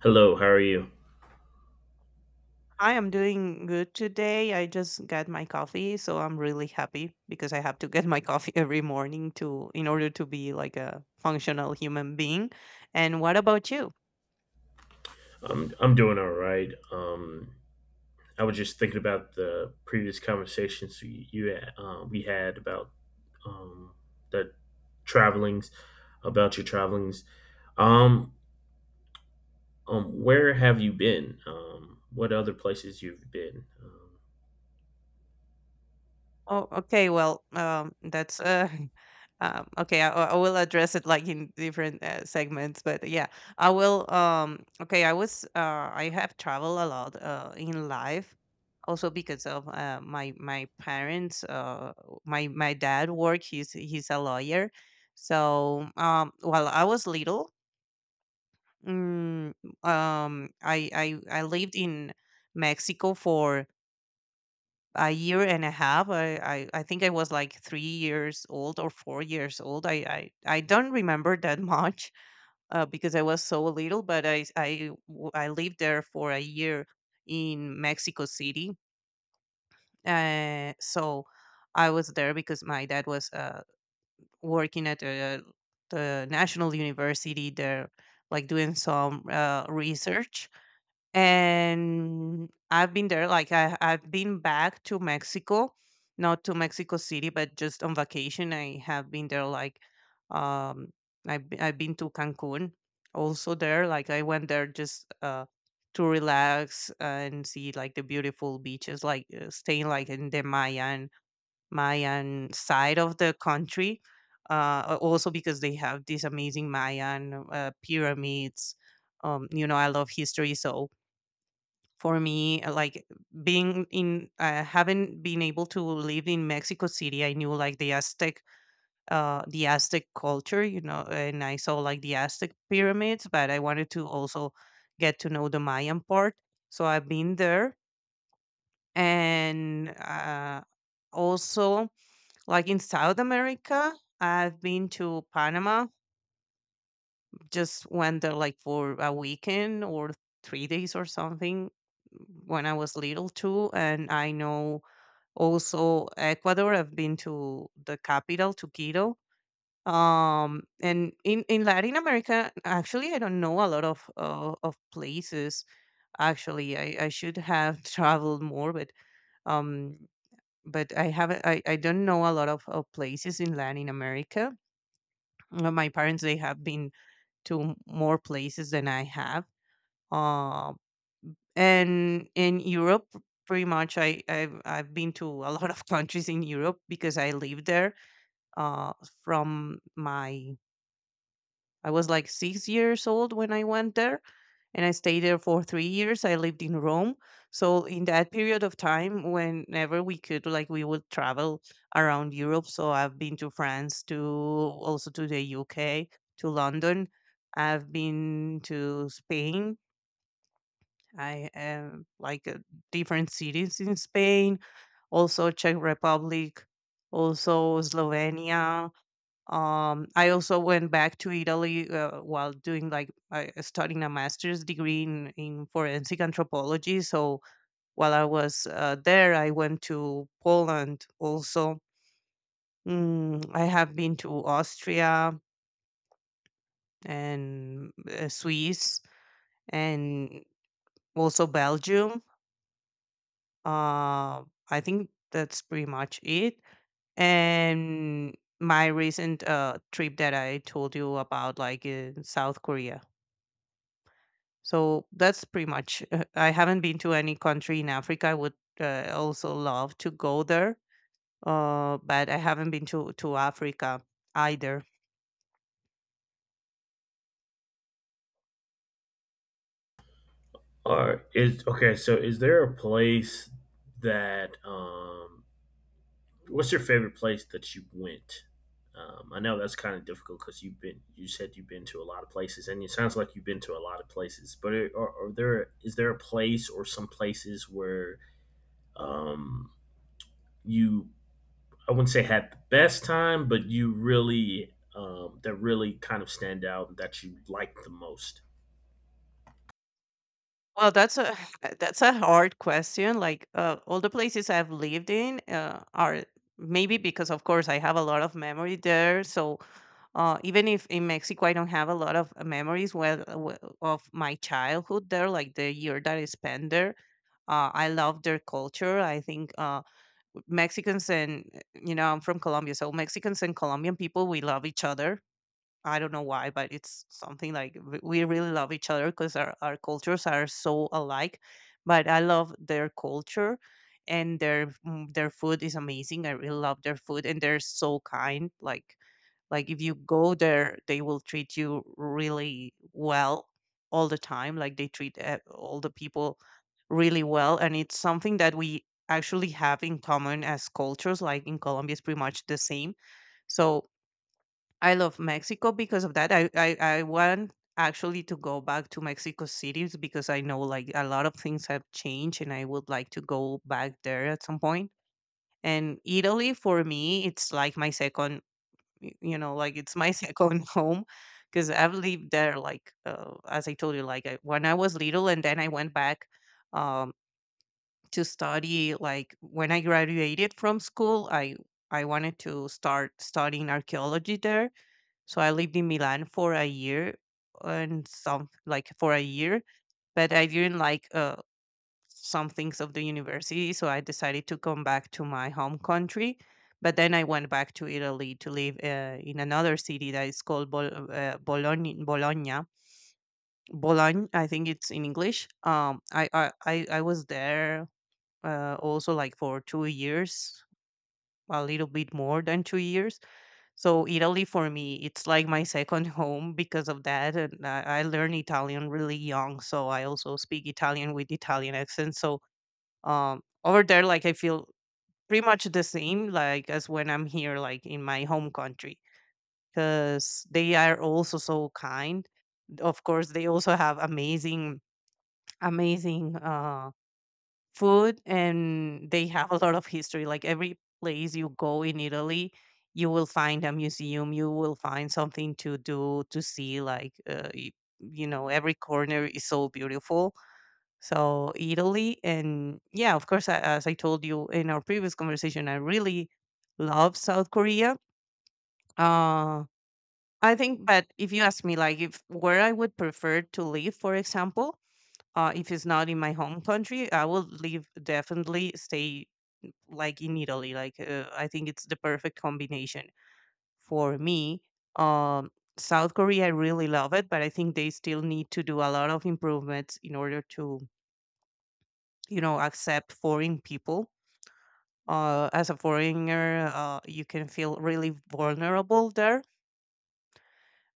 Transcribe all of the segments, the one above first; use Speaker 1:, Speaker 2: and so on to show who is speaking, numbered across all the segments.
Speaker 1: Hello, how are you?
Speaker 2: I am doing good today. I just got my coffee, so I'm really happy because I have to get my coffee every morning to in order to be like a functional human being. And what about you?
Speaker 1: I'm doing all right. I was just thinking about the previous conversations you, you we had about um, the travelings, about your travelings. Um, where have you been? What other places you've been?
Speaker 2: Oh, okay. Well, that's okay. I will address it like in different segments, but yeah, I will. Okay, I was. I have traveled a lot in life, also because of my parents. My dad work. He's a lawyer, so while I was little, mm, I lived in Mexico for a year and a half. I think I was like 3 years old or 4 years old. I don't remember that much because I was so little, but I lived there for a year in Mexico City. So I was there because my dad was working at the National University there, like doing some research and I've been there. Like I've been back to Mexico, not to Mexico City, but just on vacation. I have been there. Like, um, I've been to Cancun, also there. Like I went there just to relax and see like the beautiful beaches. Like staying like in the Mayan side of the country. Also because they have these amazing Mayan pyramids. You know, I love history, so for me like being in having been able to live in Mexico City, I knew like the Aztec the Aztec culture, you know, and I saw like the Aztec pyramids, but I wanted to also get to know the Mayan part. So I've been there, and also like in South America, I've been to Panama. Just went there like for a weekend or 3 days or something when I was little too. And I know also Ecuador, I've been to the capital, to Quito. And in Latin America, actually, I don't know a lot of places. Actually, I should have traveled more, um, but I haven't. I don't know a lot of places in Latin America. My parents they have been to more places than I have. Uh, and in Europe, pretty much I've been to a lot of countries in Europe because I live there uh, from my I was like 6 years old when I went there, and I stayed there for 3 years. I lived in Rome, so in that period of time, whenever we could, like we would travel around Europe. So I've been to France, to also to the UK, to London. I've been to Spain. I am like different cities in Spain, also Czech Republic, also Slovenia. Um, I also went back to Italy while doing like I studying a master's degree in forensic anthropology. So while I was there, I went to Poland also. I have been to Austria and Swiss and also Belgium. Uh, I think that's pretty much it. And my recent trip that I told you about, like in South Korea. So that's pretty much. I haven't been to any country in Africa. I would also love to go there, but I haven't been to Africa either.
Speaker 1: Are is Okay. So, is there a place that What's your favorite place that you went? I know that's kind of difficult because you said you've been to a lot of places, and it sounds like you've been to a lot of places. But are there is there a place or some places where um, you, I wouldn't say had the best time, but you really, that really kind of stand out that you like the most?
Speaker 2: Well, that's a that's a hard question. Like all the places I've lived in are maybe because, of course, I have a lot of memory there. So even if in Mexico I don't have a lot of memories, of my childhood there, like the year that I spent there, I love their culture. I think Mexicans, and you know, I'm from Colombia, so Mexicans and Colombian people we love each other. I don't know why, but it's something like we really love each other because our cultures are so alike. But I love their culture, and their their food is amazing. I really love their food, and they're so kind. Like if you go there, they will treat you really well all the time. Like they treat all the people really well, and it's something that we actually have in common as cultures. Like in Colombia, it's pretty much the same. So I love Mexico because of that. I want actually to go back to Mexico City because I know like a lot of things have changed, and I would like to go back there at some point. And Italy for me, it's like my second y you know, like, it's my second home, because 'cause I've lived there, like, as I told you, like, I when I was little, and then I went back, um, to study, like, when I graduated from school, I wanted to start studying archaeology there, so I lived in Milan for a year and some like, for a year, but I didn't like, some things of the university. So I decided to come back to my home country. But then I went back to Italy to live in another city that is called Bologna. I think it's in English. I was there also like for 2 years, a little bit more than 2 years. So Italy for me, it's like my second home because of that. And I learned Italian really young, so I also speak Italian with Italian accent. So um, over there, like I feel pretty much the same like as when I'm here, like in my home country, because they are also so kind. Of course, they also have amazing food, and they have a lot of history. Like every place you go in Italy, you will find a museum, you will find something to do to see, like you know, every corner is so beautiful. So Italy, and yeah, of course, as I told you in our previous conversation, I really love South Korea. Uh, I think, but if you ask me, like, if where I would prefer to live, for example, if it's not in my home country, I will live definitely stay like in Italy. Like, I think it's the perfect combination for me. Um, South Korea, I really love it, but I think they still need to do a lot of improvements in order to, you know, accept foreign people as a foreigner, you can feel really vulnerable there.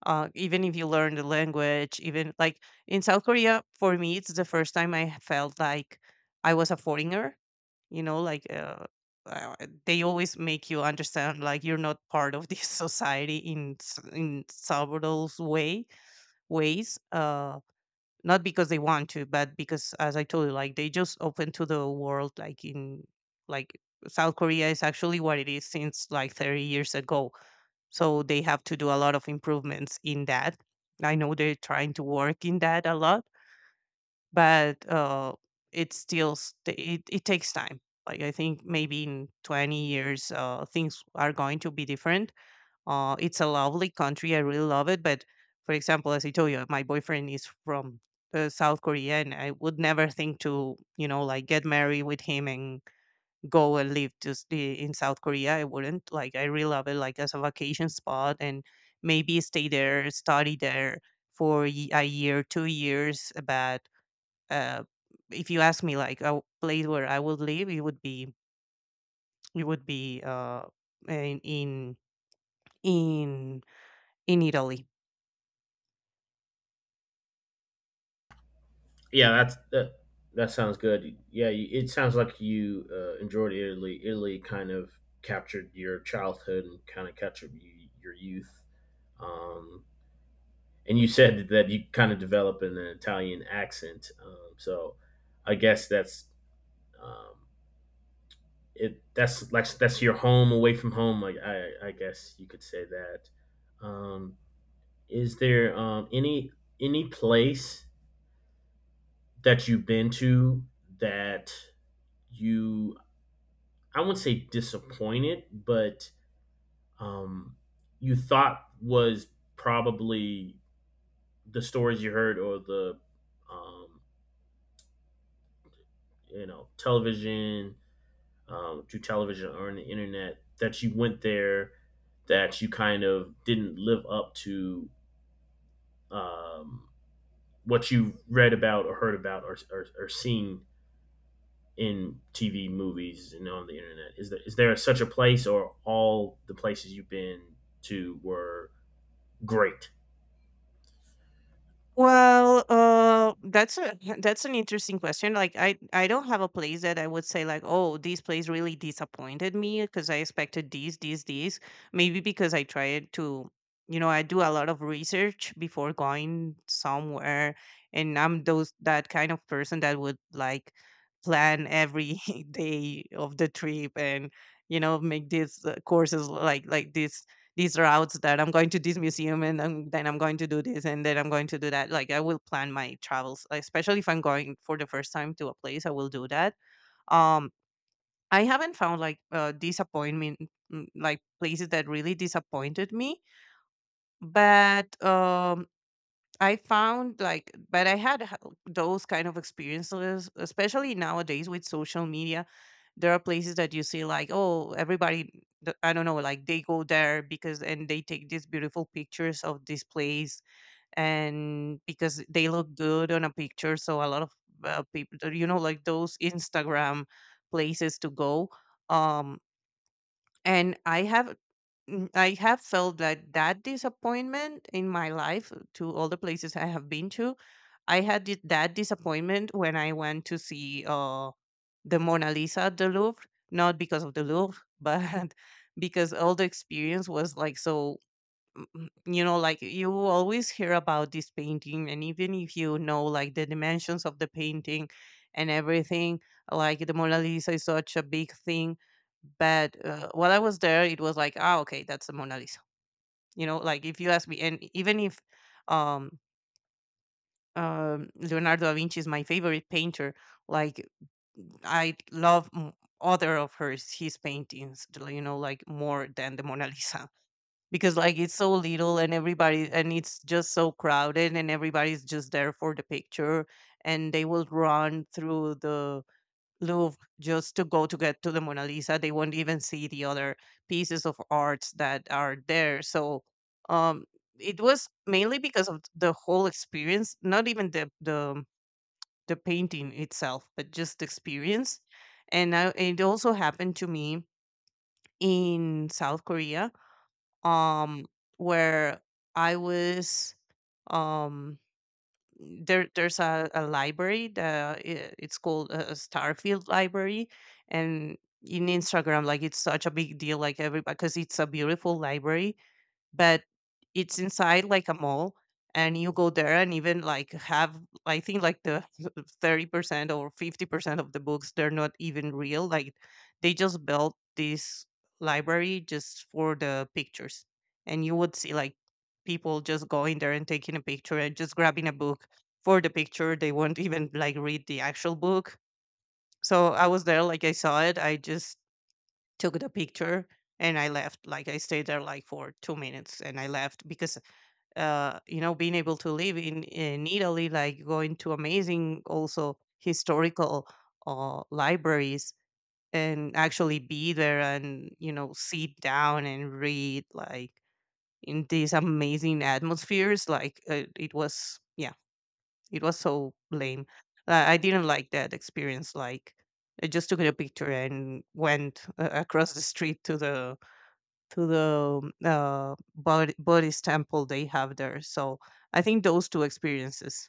Speaker 2: Even if you learn the language, even like in South Korea, for me, it's the first time I felt like I was a foreigner. You know, like uh, they always make you understand like you're not part of this society in several ways. Not because they want to, but because, as I told you, like they just open to the world, like in like South Korea is actually what it is since like 30 years ago. So they have to do a lot of improvements in that. I know they're trying to work in that a lot, but it still it takes time. Like I think maybe in 20 years things are going to be different. It's a lovely country. I really love it. But for example, as I told you, my boyfriend is from South Korea, and I would never think to, you know, like get married with him and go and live just in South Korea. I wouldn't. Like, I really love it, like as a vacation spot, and maybe stay there, study there for a year, 2 years. But uh, if you ask me, like a place where I would live, it would be in in in in Italy.
Speaker 1: Yeah, that's that. That sounds good. Yeah, you, it sounds like you enjoyed Italy. Italy kind of captured your childhood and kind of captured you, your youth. Um, and you said that you kind of develop an Italian accent. So I guess that's um, it. That's like that's your home away from home. Like I guess you could say that. Um, is there any place that you've been to that you, I wouldn't say disappointed, but um, you thought was probably the stories you heard or the um, you know television through television or on the internet that you went there, that you kind of didn't live up to um, what you read about or heard about or seen in TV movies and on the internet? Is there such a place, or all the places you've been to were great?
Speaker 2: Well, that's a that's an interesting question. Like, I don't have a place that I would say like, oh, this place really disappointed me because I expected these. Maybe because I tried to, you know, I do a lot of research before going somewhere, and I'm those that kind of person that would like plan every day of the trip and you know make these courses like this these routes that I'm going to this museum and then I'm going to do this and then I'm going to do that. Like I will plan my travels, like, especially if I'm going for the first time to a place, I will do that. Um, I haven't found like disappointment, like places that really disappointed me, but I found like, but I those kind of experiences, especially nowadays with social media. There are places that you see like, oh, everybody, I don't know, like they go there because and they take these beautiful pictures of this place and because they look good on a picture. So a lot of people, like those Instagram places to go. Um, and I have Mm, I have felt like that disappointment in my life to all the places I have been to. I had that disappointment when I went to see the Mona Lisa at the Louvre, not because of the Louvre, but because all the experience was like so like you always hear about this painting, and even if you know like the dimensions of the painting and everything, like the Mona Lisa is such a big thing. But while I was there it was like, ah, okay, that's the Mona Lisa. You know, like if you ask me, and even if um Leonardo da Vinci is my favorite painter, like I love other of hers his paintings, you know, like more than the Mona Lisa, because like it's so little and everybody, and it's just so crowded and everybody's just there for the picture, and they will run through the Louvre just to go to get to the Mona Lisa. They won't even see the other pieces of arts that are there. Um it was mainly because of the whole experience, not even the the painting itself, but just the experience. It also happened to me in South Korea um where I was, um, there there's a library that it's called a Starfield library. And in Instagram, like it's such a big deal, like everybody, because it's a beautiful library, but it's inside like a mall. And you go there and even like have, I think like the 30% or 50% of the books, they're not even real. Like, they just built this library just for the pictures, and you would see like people just going there and taking a picture and just grabbing a book for the picture. They won't even like read the actual book. So I was there, like I saw it, I just took the picture, and I left. Like I stayed there like for 2 minutes, and I left because you know, being able to live in Italy, like going to amazing also historical libraries, and actually be there and, you know, sit down and read, like in these amazing atmospheres, like it was, yeah, it was so lame. I didn't like that experience. Like, I just took a picture and went across the street to the Buddhist temple they have there. So I think those two experiences.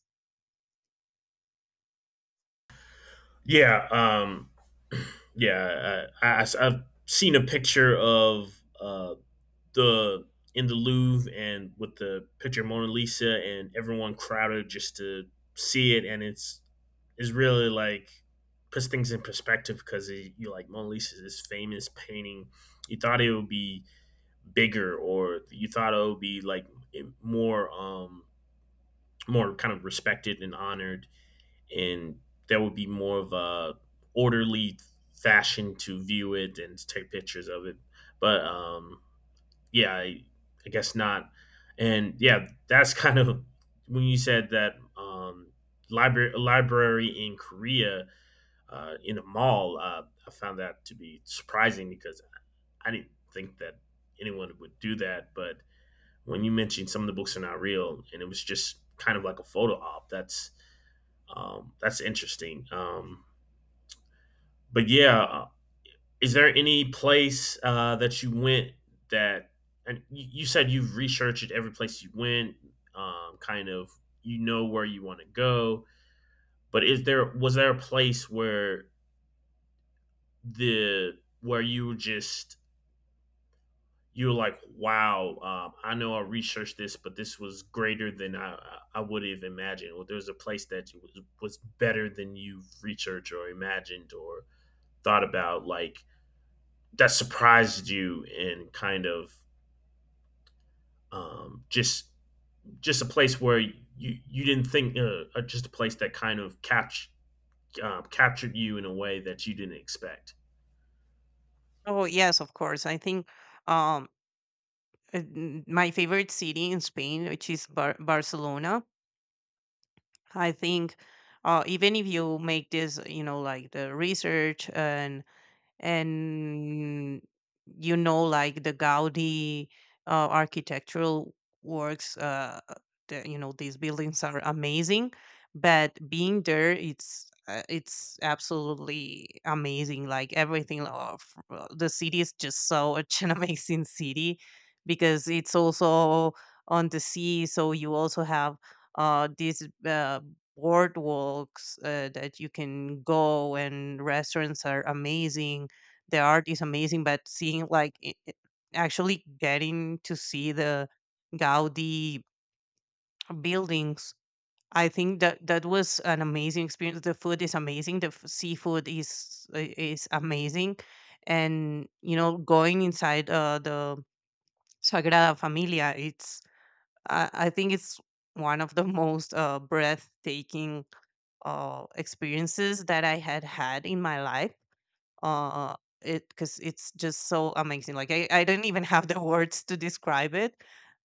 Speaker 1: Yeah, yeah. I have seen a picture of the the Louvre and with the picture of Mona Lisa, and everyone crowded just to see it, and it's is really like puts things in perspective because you, like Mona Lisa is this famous painting. You thought it would be bigger, or you thought it would be like more, more kind of respected and honored, and there would be more of a orderly fashion to view it and to take pictures of it. But yeah, I guess not. And yeah, that's kind of when you said that library in Korea in a mall. I found that to be surprising because I didn't think that anyone would do that. But when you mentioned some of the books are not real, and it was just kind of like a photo op, that's interesting. But yeah, is there any place that you went that, and you said you've researched every place you went, kind of, you know, where you want to go, but is there was there a place where the where you were just you were like, wow, I know I researched this, but this was greater than I would have imagined. Or there was a place that you was better than you researched or imagined or thought about, like that surprised you and kind of um, just just a place where you didn't think just a place that kind of catch captured you in a way that you didn't expect.
Speaker 2: Oh yes, of course. I think um, my favorite city in Spain, which is Barcelona. I think even if you make this, you know, like the research and and you know, like the Gaudi architectural works, the, you know, these buildings are amazing. But being there, it's absolutely amazing. Like everything of the city is just so, such an amazing city, because it's also on the sea, so you also have these boardwalks that you can go, and restaurants are amazing, the art is amazing, but seeing like I actually getting to see the Gaudi buildings, I think that that was an amazing experience. The food is amazing. The seafood is amazing, and, you know, going inside the Sagrada Familia, it's I think it's one of the most breathtaking experiences that I had had in my life uh it, because it's just so amazing. Like, I don't even have the words to describe it.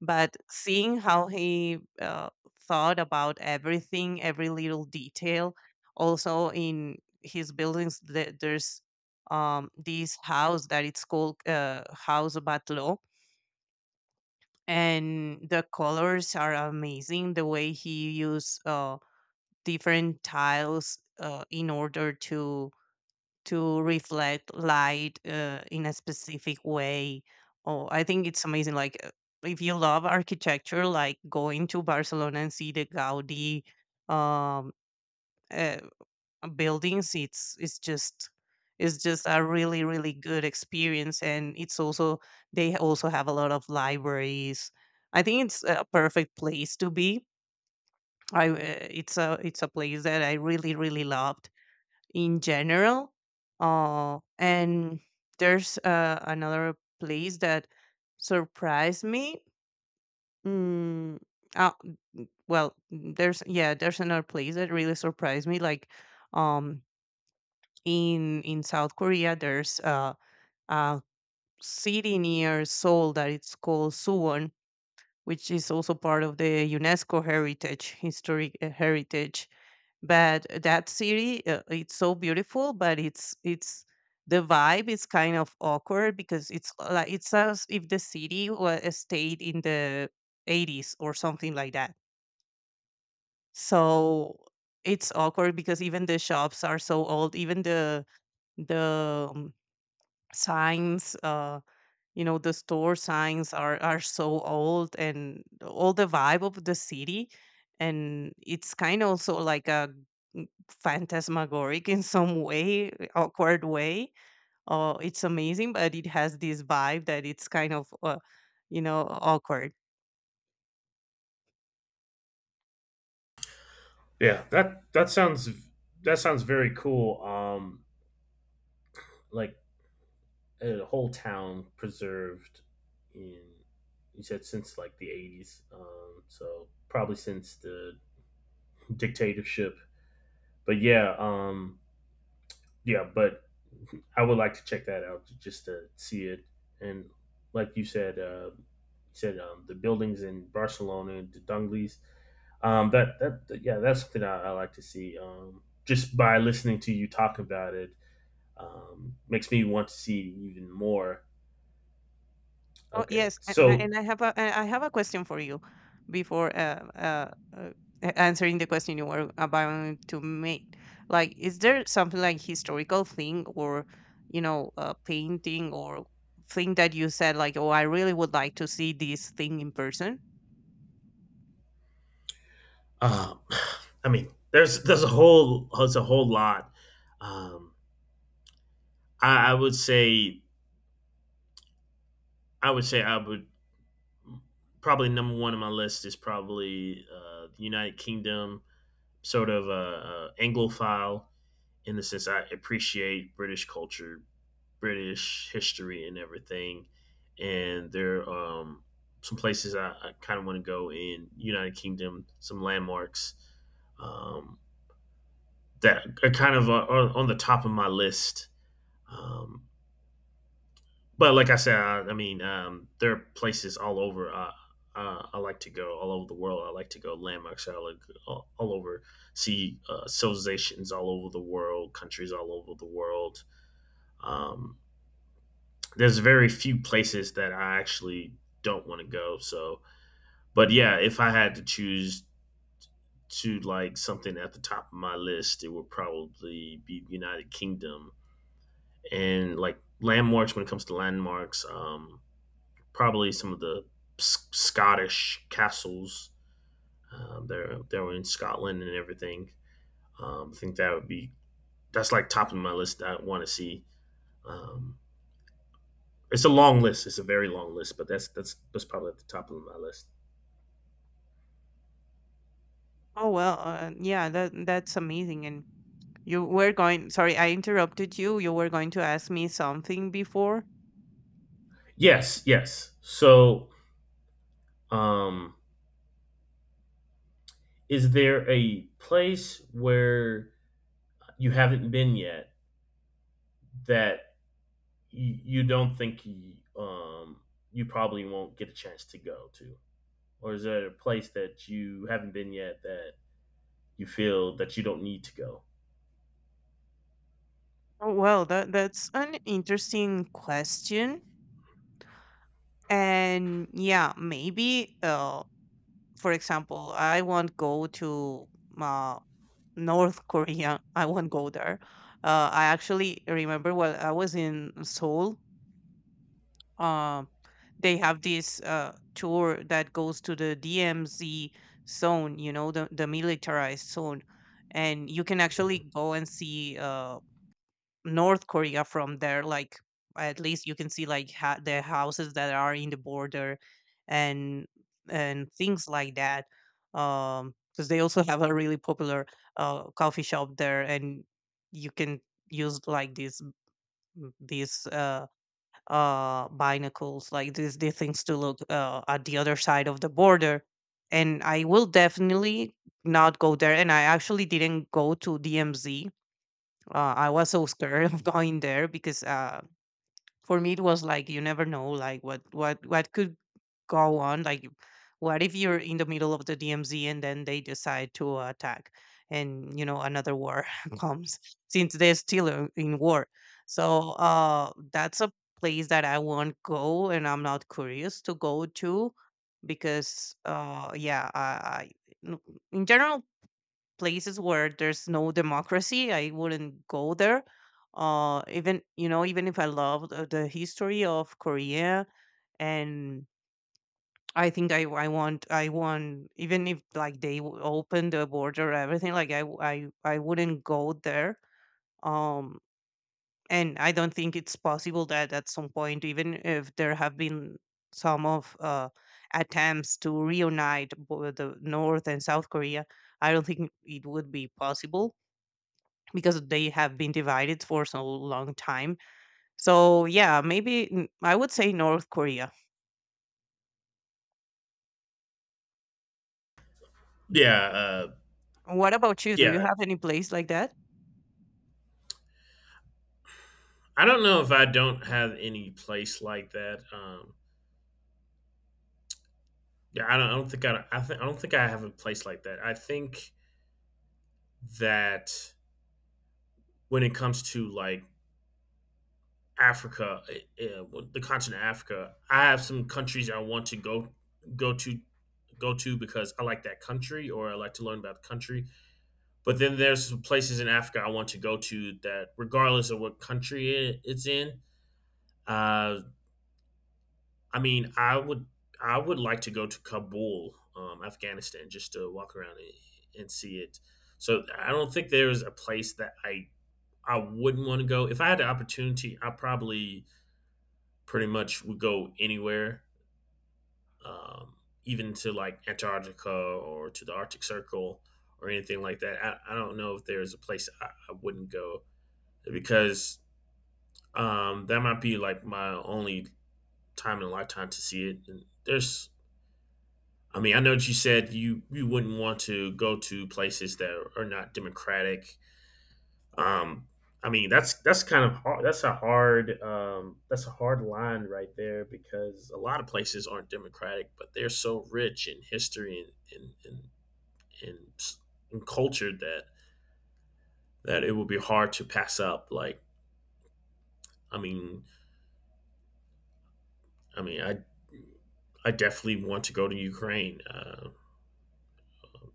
Speaker 2: But seeing how he thought about everything, every little detail, also in his buildings, there's this house that it's called House Batlo, and the colors are amazing, the way he used different tiles in order to reflect light in a specific way. Oh, I think it's amazing. Like, if you love architecture, like going to Barcelona and see the Gaudi um, uh, buildings, it's just it's just a really, really good experience. And it's also, they also have a lot of libraries. I think it's a perfect place to be. I it's a place that I really, really love in general. And there's another place that surprised me. Mm, uh, there's another place that really surprised me. Like, um, in South Korea, there's a city near Seoul that it's called Suwon, which is also part of the UNESCO heritage, historic heritage. But that city, it's so beautiful, but it's the vibe is kind of awkward, because it's like it's as if the city was stayed in the 80s or something like that. So it's awkward, because even the shops are so old, even the signs. You know, the store signs are so old, and all the vibe of the city, and it's kind of also like a phantasmagoric in some way, eh, awkward way. Oh, it's amazing, but it has this vibe that it's kind of, you know, awkward.
Speaker 1: Yeah, that sounds very cool. Like a whole town preserved in, you said, since like the 80s, so probably since the dictatorship. But yeah, yeah, but I would like to check that out just to see it. And like you said the buildings in Barcelona, the Dungleys. That that yeah, that's something I like to see. Just by listening to you talk about it, makes me want to see even more.
Speaker 2: Oh
Speaker 1: Okay,
Speaker 2: yes, and
Speaker 1: so
Speaker 2: and I have a question for you before uh, answering the question you were about to make. Like, is there something like historical thing or, you know, painting or thing that you said like, oh, I really would like to see this thing in person?
Speaker 1: um, I mean, there's a whole lot. Um, I would say I would probably, number one on my list is probably the United Kingdom, sort of Anglophile in the sense I appreciate British culture, British history, and everything. And there are some places I kind of want to go in United Kingdom, some landmarks um, that are kind of are on the top of my list. Um, but like I said, I mean, there are places all over. I like to go all over the world. I like to go landmarks. I like all over, see civilizations all over the world, countries all over the world. Um, there's very few places that I actually don't want to go. So, but yeah, if I had to choose to, like, something at the top of my list, it would probably be United Kingdom and, like, landmarks. When it comes to landmarks, probably some of the S- Scottish castles. They're in Scotland and everything. I think that would be that's like top of my list that I want to see. Um, it's a long list. It's a very long list, but that's probably at the top of my list.
Speaker 2: Oh well, yeah, that that's amazing, and you were going, sorry, I interrupted you. You were going to ask me something before?
Speaker 1: Yes, yes. So, um, is there a place where you haven't been yet that you don't think you, um, you probably won't get a chance to go to? Or is there a place that you haven't been yet that you feel that you don't need to go?
Speaker 2: Oh, well, that that's an interesting question. And yeah, maybe for example, I won't go to uh, North Korea. I won't go there. I actually remember when I was in Seoul. um they have this tour that goes to the DMZ zone, you know, the militarized zone. And you can actually go and see North Korea from there. Like, at least you can see like the houses that are in the border, and things like that. Um, because they also have a really popular coffee shop there, and you can use like this binacles, like these things to look at the other side of the border. And I will definitely not go there, and I actually didn't go to DMZ. I was so scared of going there, because for me it was like, you never know, like what could go on. Like, what if you're in the middle of the DMZ, and then they decide to attack, and, you know, another war comes, since they're still in war. So that's a place that I won't go, and I'm not curious to go to, because yeah, I n- in general, places where there's no democracy, I wouldn't go there. Even, you know, even if I loved the history of Korea. And I think I want, even if like they open the border, everything, like I w- I wouldn't go there. um and I don't think it's possible that at some point, even if there have been some of attempts to reunite the north and south Korea, I don't think it would be possible, because they have been divided for so long time. So yeah, maybe, mm, I would say North Korea.
Speaker 1: Yeah,
Speaker 2: What about you? Do
Speaker 1: yeah.
Speaker 2: you have any place like that?
Speaker 1: I don't know. If I don't have any place like that. Yeah, I don't. I don't think I. I, think I don't think I have a place like that. I think that when it comes to like Africa, the continent of Africa, I have some countries I want to go go to to because I like that country or I like to learn about the country. But then there's some places in Africa I want to go to that, regardless of what country it's in, uh, I mean, I would like to go to Kabul, Afghanistan, just to walk around and see it. So I don't think there's a place that I wouldn't want to go. If I had the opportunity, I probably pretty much would go anywhere, um, even to like Antarctica or to the Arctic Circle or anything like that. I don't know if there's a place I wouldn't go because that might be like my only time in a lifetime to see it. And there's, I mean, I know that you said you wouldn't want to go to places that are not democratic. Um, I mean, that's kind of hard. That's a hard line right there, because a lot of places aren't democratic, but they're so rich in history and and and, and, s- and culture, that that it would be hard to pass up. Like, I mean, I mean, I definitely want to go to Ukraine.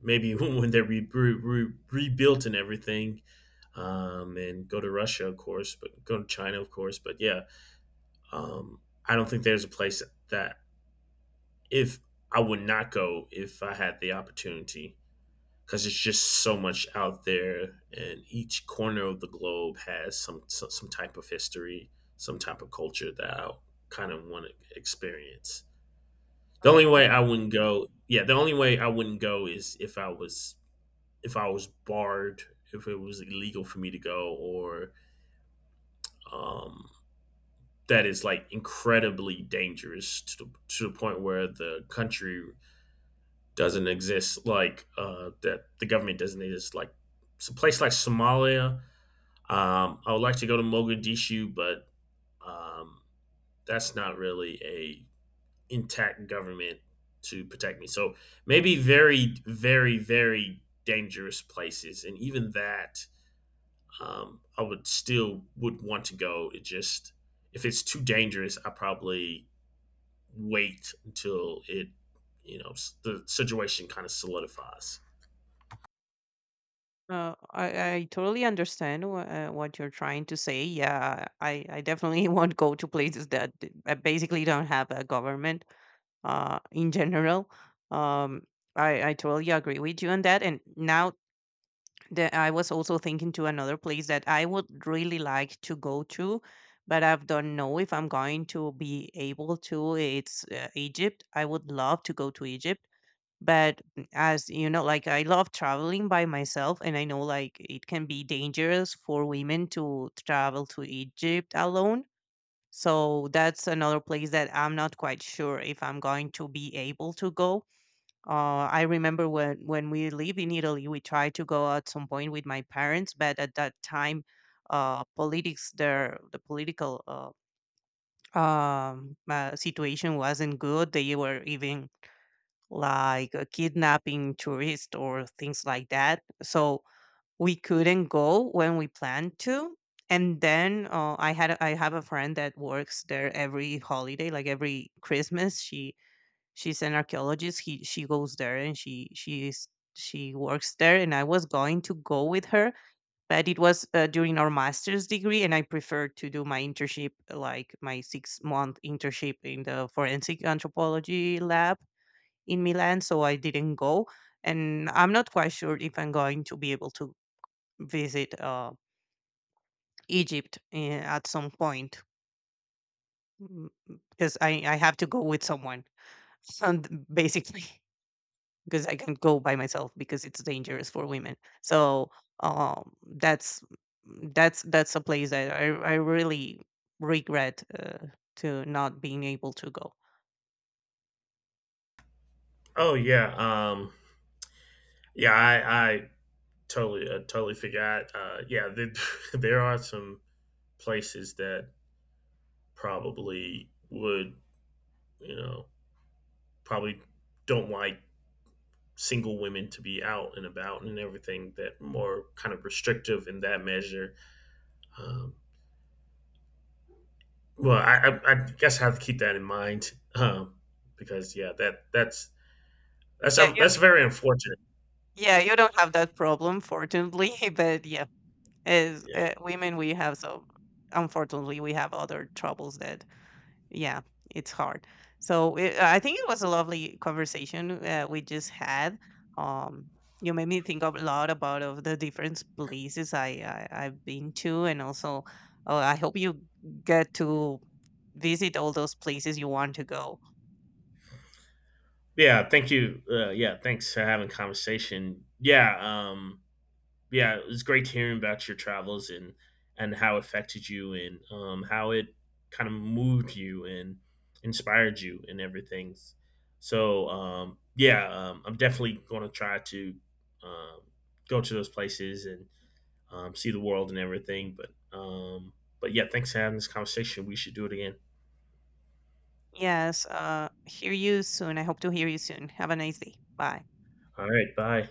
Speaker 1: Maybe when they're re- re- re- rebuilt and everything, and go to Russia, of course, but go to China, of course. But yeah, I don't think there's a place that if I would not go if I had the opportunity, because it's just so much out there, and each corner of the globe has some some type of history, some type of culture that I kind of want to experience.
Speaker 2: Mm, I-
Speaker 1: The only way I wouldn't go is if I was, if I was barred, if it was illegal for me to go, or um, that is like incredibly dangerous to to the point where the country doesn't exist, like that the government doesn't exist. Like some place like Somalia. I would like to go to Mogadishu, but um, that's not really a intact government to protect me. So maybe very, very, very dangerous places, and even that I would still would want to go. It just, if it's too dangerous, I probably wait until it, you know, the situation kind of solidifies.
Speaker 2: uh, I, I totally understand what you're trying to say. Yeah, I definitely won't go to places that that basically don't have a government in general. Um, I totally agree with you on that. And now that I was also thinking to another place that I would really like to go to, but I don't know if I'm going to be able to. It's Egypt. I would love to go to Egypt, but mm, as you know, like I love traveling by myself, and I know like it can be dangerous for women to travel to Egypt alone. So that's another place that I'm not quite sure if I'm going to be able to go. I remember when we lived in Italy, we tried to go at some point with my parents, but at that time, politics there, the political situation wasn't good. They were even like kidnapping tourists or things like that. So we couldn't go when we planned to. And then I had I have a friend that works there every holiday, like every Christmas. She's an archaeologist. He She goes there, and she works there, and I was going to go with her, but it was during our master's degree, and I preferred to do my internship, like my 6-month internship in the forensic anthropology lab in Milan, so I didn't go. And I'm not quite sure if I'm going to be able to visit Egypt, eh, at some point, because I have to go with someone and basically because I can't go by myself, because it's dangerous for women. So that's mm, that's a place that I really regret to not being able to go.
Speaker 1: Oh yeah, yeah, I totally forgot. Yeah, there, there are some places that probably would, you know, probably don't like single women to be out and about and everything, that more kind of restrictive in that measure. Um, well, I guess I have to keep that in mind, because yeah,
Speaker 2: Yeah,
Speaker 1: that's very unfortunate.
Speaker 2: yeah, you don't have that problem, fortunately. But yeah, as,
Speaker 1: Yeah,
Speaker 2: women, we have so unfortunately we have other troubles that, yeah, it's hard. So it, I think it was a lovely conversation we just had. Um, you made me think a lot about of the different places I've been to, and also I hope you get to visit all those places you want to go.
Speaker 1: yeah. Thank you. Yeah, thanks for having a conversation. Yeah. Yeah, it was great hearing about your travels and how it affected you and how it kind of moved you and inspired you and everything. So yeah, I'm definitely going to try to um, go to those places and see the world and everything. But yeah, thanks for having this conversation. We should do it again.
Speaker 2: Yes, hear you soon. I hope to hear you soon. Have a nice day. Bye.
Speaker 1: All right, bye.